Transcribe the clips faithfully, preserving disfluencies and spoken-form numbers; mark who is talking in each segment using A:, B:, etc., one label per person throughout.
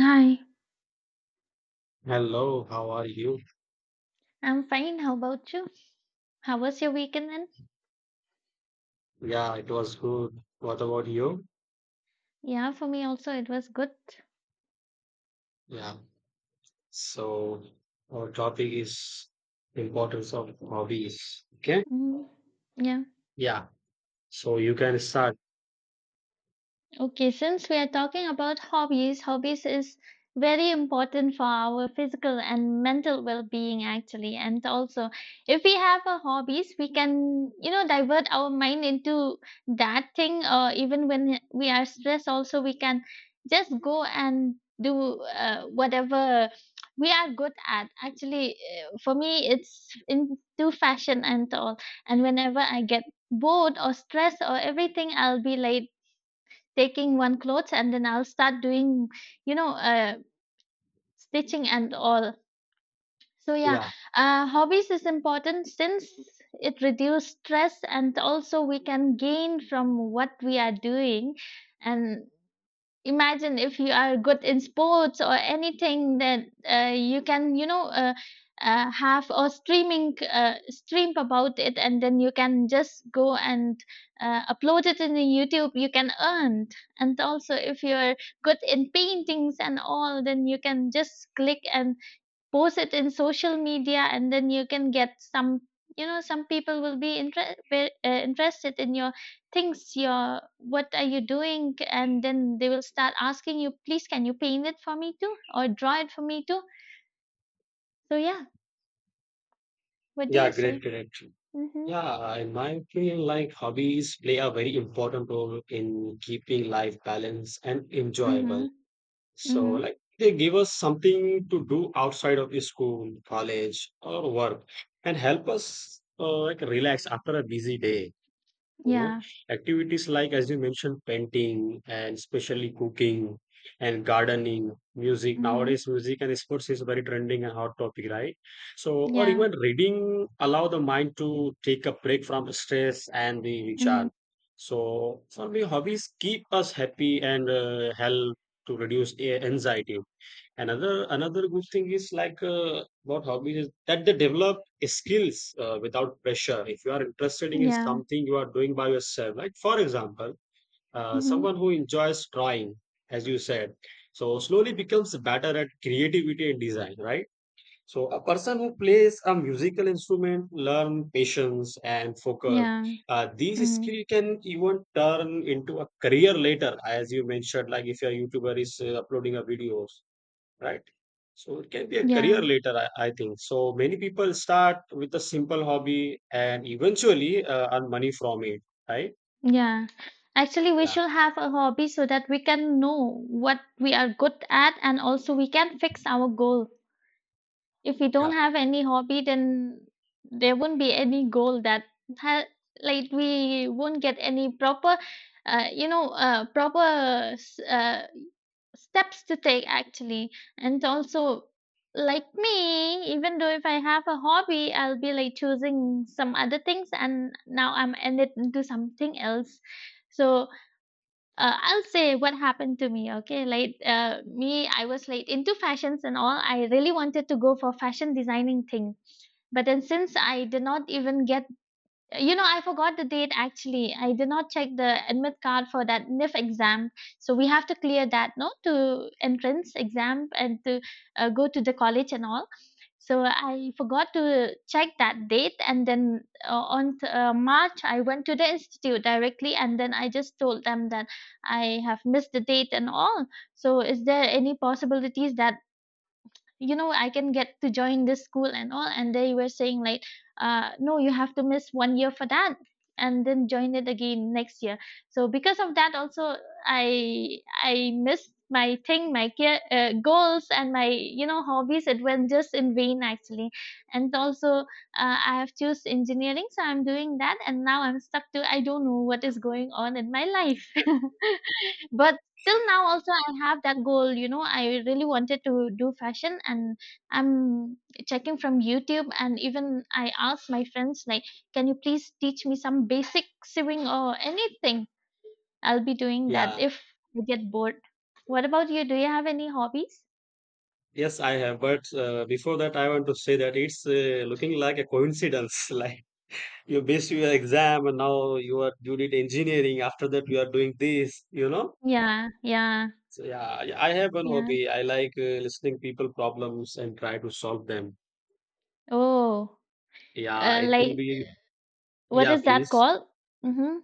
A: Hi,
B: Hello, how are you?
A: I'm fine. How about you? How was your weekend then?
B: Yeah, it was good. What about you?
A: Yeah, for me also it was good.
B: Yeah. So our topic is importance of hobbies. Okay.
A: Mm, yeah.
B: Yeah. So you can start.
A: Okay, since we are talking about hobbies, hobbies is very important for our physical and mental well-being actually. And also, if we have a hobbies, we can, you know, divert our mind into that thing, or even when we are stressed also we can just go and do uh, whatever we are good at. Actually, uh, for me it's into fashion and all. And whenever I get bored or stressed or everything, I'll be like taking one clothes and then I'll start doing, you know, uh, stitching and all. So yeah,
B: Yeah.
A: uh, hobbies is important since it reduce stress and also we can gain from what we are doing, and imagine if you are good in sports or anything that uh, you can you know uh, uh, have or streaming uh, stream about it, and then you can just go and uh, upload it in the youtube, you can earn. And also if you are good in paintings and all, then you can just click and post it in social media, and then you can get some, you know, some people will be inter- ve- uh, interested in your things, your what are you doing, and then they will start asking you, please can you paint it for me too or draw it for me too. So yeah, what do
B: Yeah.
A: you
B: Great.
A: say?
B: Great.
A: Mhm.
B: Yeah. In my opinion, like hobbies play a very important role in keeping life balanced and enjoyable.
A: Mhm. Mhm.
B: So like they give us something to do outside of the school, college, or work, and help us uh, like relax after a busy day. you know
A: Yeah.
B: Activities like, as you mentioned, painting and especially cooking and gardening, music,
A: Mhm.
B: nowadays music and sports is very trending and hot topic, right? So or
A: Yeah.
B: even reading allow the mind to take a break from stress and the recharge.
A: Mhm.
B: So for me, hobbies keep us happy and uh, help to reduce a- anxiety. Another another good thing is like, uh, about hobbies, is that they develop skills uh, without pressure. If you are interested in
A: Yeah.
B: something you are doing by yourself, like for example, uh,
A: Mhm.
B: someone who enjoys drawing, as you said, so slowly becomes better at creativity and design, right? So a person who plays a musical instrument learn patience and focus.
A: Yeah.
B: Uh, these
A: Mhm.
B: skill can even turn into a career later, as you mentioned, like if your YouTuber is uh, uploading a videos, right? So it can be a career
A: Yeah.
B: later, I, I think. So many people start with a simple hobby and eventually uh, earn money from it, right?
A: Yeah. Actually, we
B: Yeah,
A: should have a hobby so that we can know what we are good at and also we can fix our goal. If we
B: yeah,
A: don't have any hobby, then there won't be any goal that ha, like we won't get any proper, uh, you know, uh, proper s- uh, steps to take actually. And also, like me, even though if I have a hobby, I'll be like choosing some other things and now I'm ended into something else. So, uh, I'll say what happened to me. Okay, like uh, me, I was late into fashions and all. I really wanted to go for fashion designing thing, but then since I did not even get, you know, I forgot the date actually. I did not check the admit card for that N I F exam, so we have to clear that no to entrance exam and to uh, go to the college and all. So I forgot to check that date, and then uh, on t- uh, March I went to the institute directly, and then I just told them that I have missed the date and all. So is there any possibilities that, you know, I can get to join this school and all? And they were saying like, uh no, you have to miss one year for that and then join it again next year. So because of that also, i i missed my thing, my care, uh, goals, and my, you know, hobbies, it went just in vain actually. And also, uh, I have choose engineering, so I'm doing that, and now I'm stuck to, I don't know what is going on in my life. But till now also I have that goal, you know, I really wanted to do fashion. And I'm checking from youtube, and even I asked my friends like, can you please teach me some basic sewing or anything? I'll be doing that
B: yeah.
A: if I get bored. What about you? Do you have any hobbies?
B: Yes, I have. But uh, before that, I want to say that it's uh, looking like a coincidence. Like, you based your exam and now you are, you did engineering. After that, you are doing this. You know.
A: Yeah, yeah,
B: So yeah, yeah, I have one
A: yeah.
B: hobby. I like uh, listening people problems and try to solve them.
A: Oh,
B: Yeah,
A: uh,
B: it will
A: like,
B: be.
A: what
B: Yeah,
A: is that
B: please.
A: called? Mm-hmm.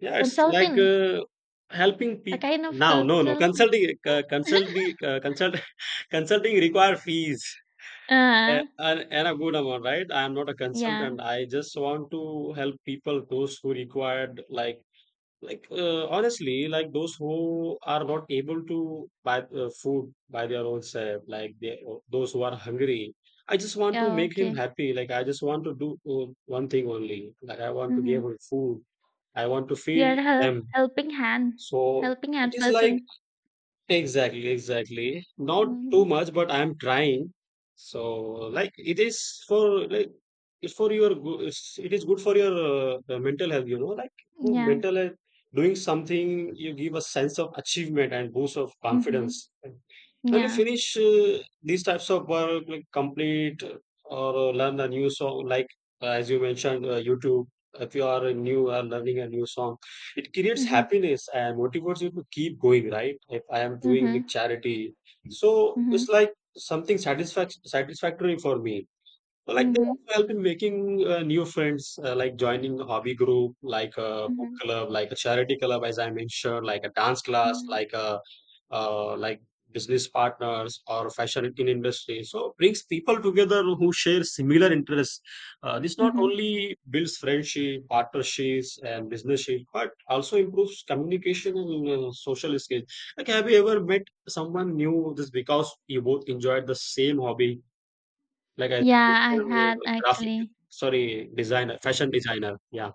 B: Yeah, it's like
A: Consultant.
B: uh, helping
A: A
B: people.
A: kind of
B: Now, no, no,
A: consultant.
B: consulting, uh, consulting, uh, consult, consulting require fees, uh,
A: Uh,
B: and, and a good amount, right? I am not a
A: yeah,
B: consultant. I just want to help people, those who required, like, like uh, honestly, like those who are not able to buy uh, food by their own self, like they, those who are hungry. I just want to
A: yeah,
B: make him
A: okay.
B: happy. Like I just want to do uh, one thing only. Like I want to
A: Mm-hmm.
B: give him food. I want to feed
A: You're a hel
B: them.
A: helping hand,
B: So
A: helping
B: it
A: hand
B: is like,
A: person.
B: exactly, exactly. Not too
A: Mhm.
B: much, but I'm trying. So like it is, for like, it's for your good. It's, it is good for your uh, uh, mental health. You know, like good
A: Yeah.
B: mental health. Doing something you give a sense of achievement and boost of
A: Mhm.
B: confidence when you
A: Yeah.
B: finish uh, these types of work, like complete or uh, learn a new song, like, uh, as you mentioned, uh, YouTube. If you are a new, are learning a new song, it creates
A: Mhm.
B: happiness and motivates you to keep going, right? If I am doing with
A: Mhm.
B: charity. So
A: Mhm.
B: it's like something satisfac satisfactory for me. Like they
A: Mhm.
B: also help in making uh, new friends, uh, like joining a hobby group, like a book
A: Mhm.
B: club, like a charity club, as I mentioned, like a dance class,
A: Mhm.
B: like a uh, like business partners or fashion in industry. So brings people together who share similar interests. Uh, this not
A: Mhm.
B: only builds friendship, partnerships, and businessship, but also improves communication and uh, social skills. Like, have you ever met someone new just because you both enjoyed the same hobby? Like as
A: Yeah,
B: you
A: I
B: mentioned,
A: had
B: uh, graphic,
A: actually.
B: sorry, designer, fashion designer. Yeah.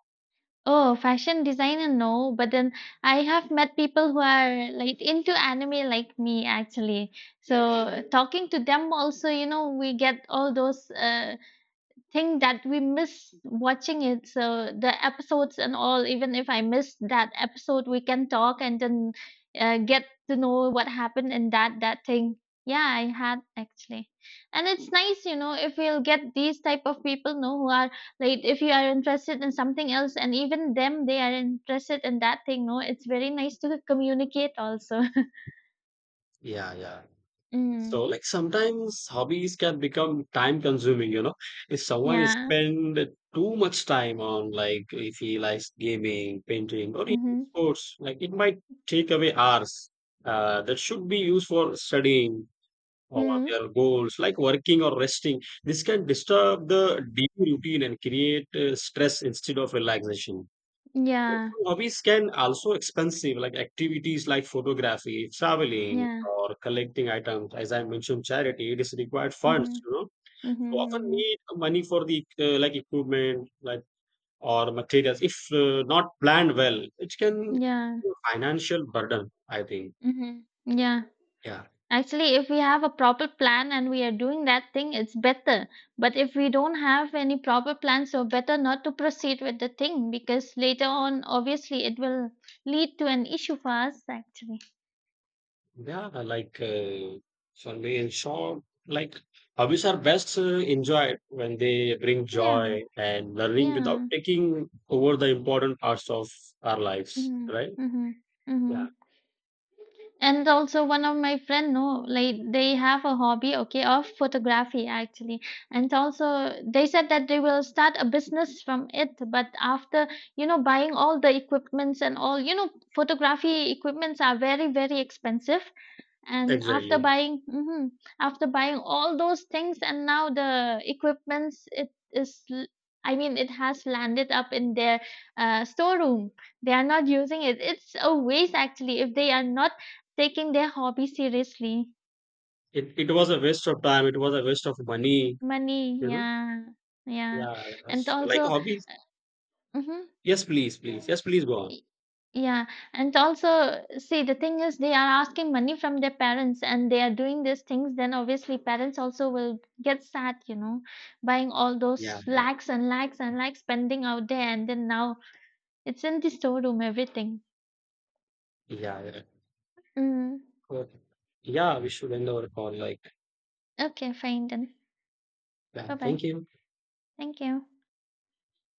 A: Oh, fashion designer, no. But then I have met people who are like into anime like me actually. So talking to them also, you know, we get all those uh thing that we miss watching it, so the episodes and all, even if I miss that episode, we can talk and then uh, get to know what happened in that that thing. Yeah, I had actually. And it's nice, you know, if we'll get these type of people know who are like, if you are interested in something else and even them they are interested in that thing no, it's very nice to communicate also.
B: Yeah, yeah. So
A: Mm,
B: like sometimes hobbies can become time consuming, you know. If someone is
A: yeah.
B: spend too much time on, like if he likes gaming, painting, or even
A: Mm-hmm.
B: sports, like it might take away hours uh, that should be used for studying or
A: Mm-hmm.
B: their goals, like working or resting. This can disturb the daily routine and create uh, stress instead of relaxation.
A: Yeah,
B: So hobbies can also expensive, like activities like photography, traveling,
A: yeah.
B: or collecting items. As I mentioned, charity, it is required funds,
A: Mm-hmm.
B: you know.
A: Mm-hmm.
B: So often
A: Mm-hmm.
B: need money for the uh, like equipment, like, or materials. If uh, not planned well, it can
A: Yeah.
B: be a financial burden, I think.
A: Mhm. Yeah.
B: Yeah.
A: Actually, if we have a proper plan and we are doing that thing, it's better. But if we don't have any proper plan, so better not to proceed with the thing, because later on, obviously, it will lead to an issue for us, actually.
B: Yeah, like uh, for me, in short, like hobbies are best uh, enjoyed when they bring
A: Yeah.
B: joy and learning without
A: Yeah.
B: taking over the important parts of our lives,
A: Mm-hmm.
B: right?
A: Mm-hmm. Mm-hmm.
B: Yeah,
A: And also, one of my friend no, like, they have a hobby, okay, of photography actually. And also they said that they will start a business from it, but after, you know, buying all the equipments and all, you know, photography equipments are very very expensive. And after
B: exactly.
A: buying mhm, after buying all those things, and now the equipments, it is l- I mean it has landed up in their uh, storeroom. They are not using it, it's a waste actually, if they are not taking their hobby seriously.
B: It it was a waste of time. It was a waste of money. You
A: Money,
B: know?
A: yeah. Yeah,
B: Yeah.
A: and
B: Yes. Like
A: also
B: hobbies.
A: mhm,
B: Yes, please, please. Yes, please go on.
A: Y- yeah, and also, see, the thing is, they are asking money from their parents and they are doing these things, then obviously parents also will get sad, you know, buying all
B: Yeah,
A: those
B: yeah,
A: lakhs and lakhs and lakhs spending out there, and then now it's in the storeroom, everything.
B: yeah, yeah.
A: Mm,
B: Okay. Yeah, we should end our call. Like,
A: okay, fine then.
B: yeah,
A: Bye
B: thank
A: bye.
B: you.
A: Thank you.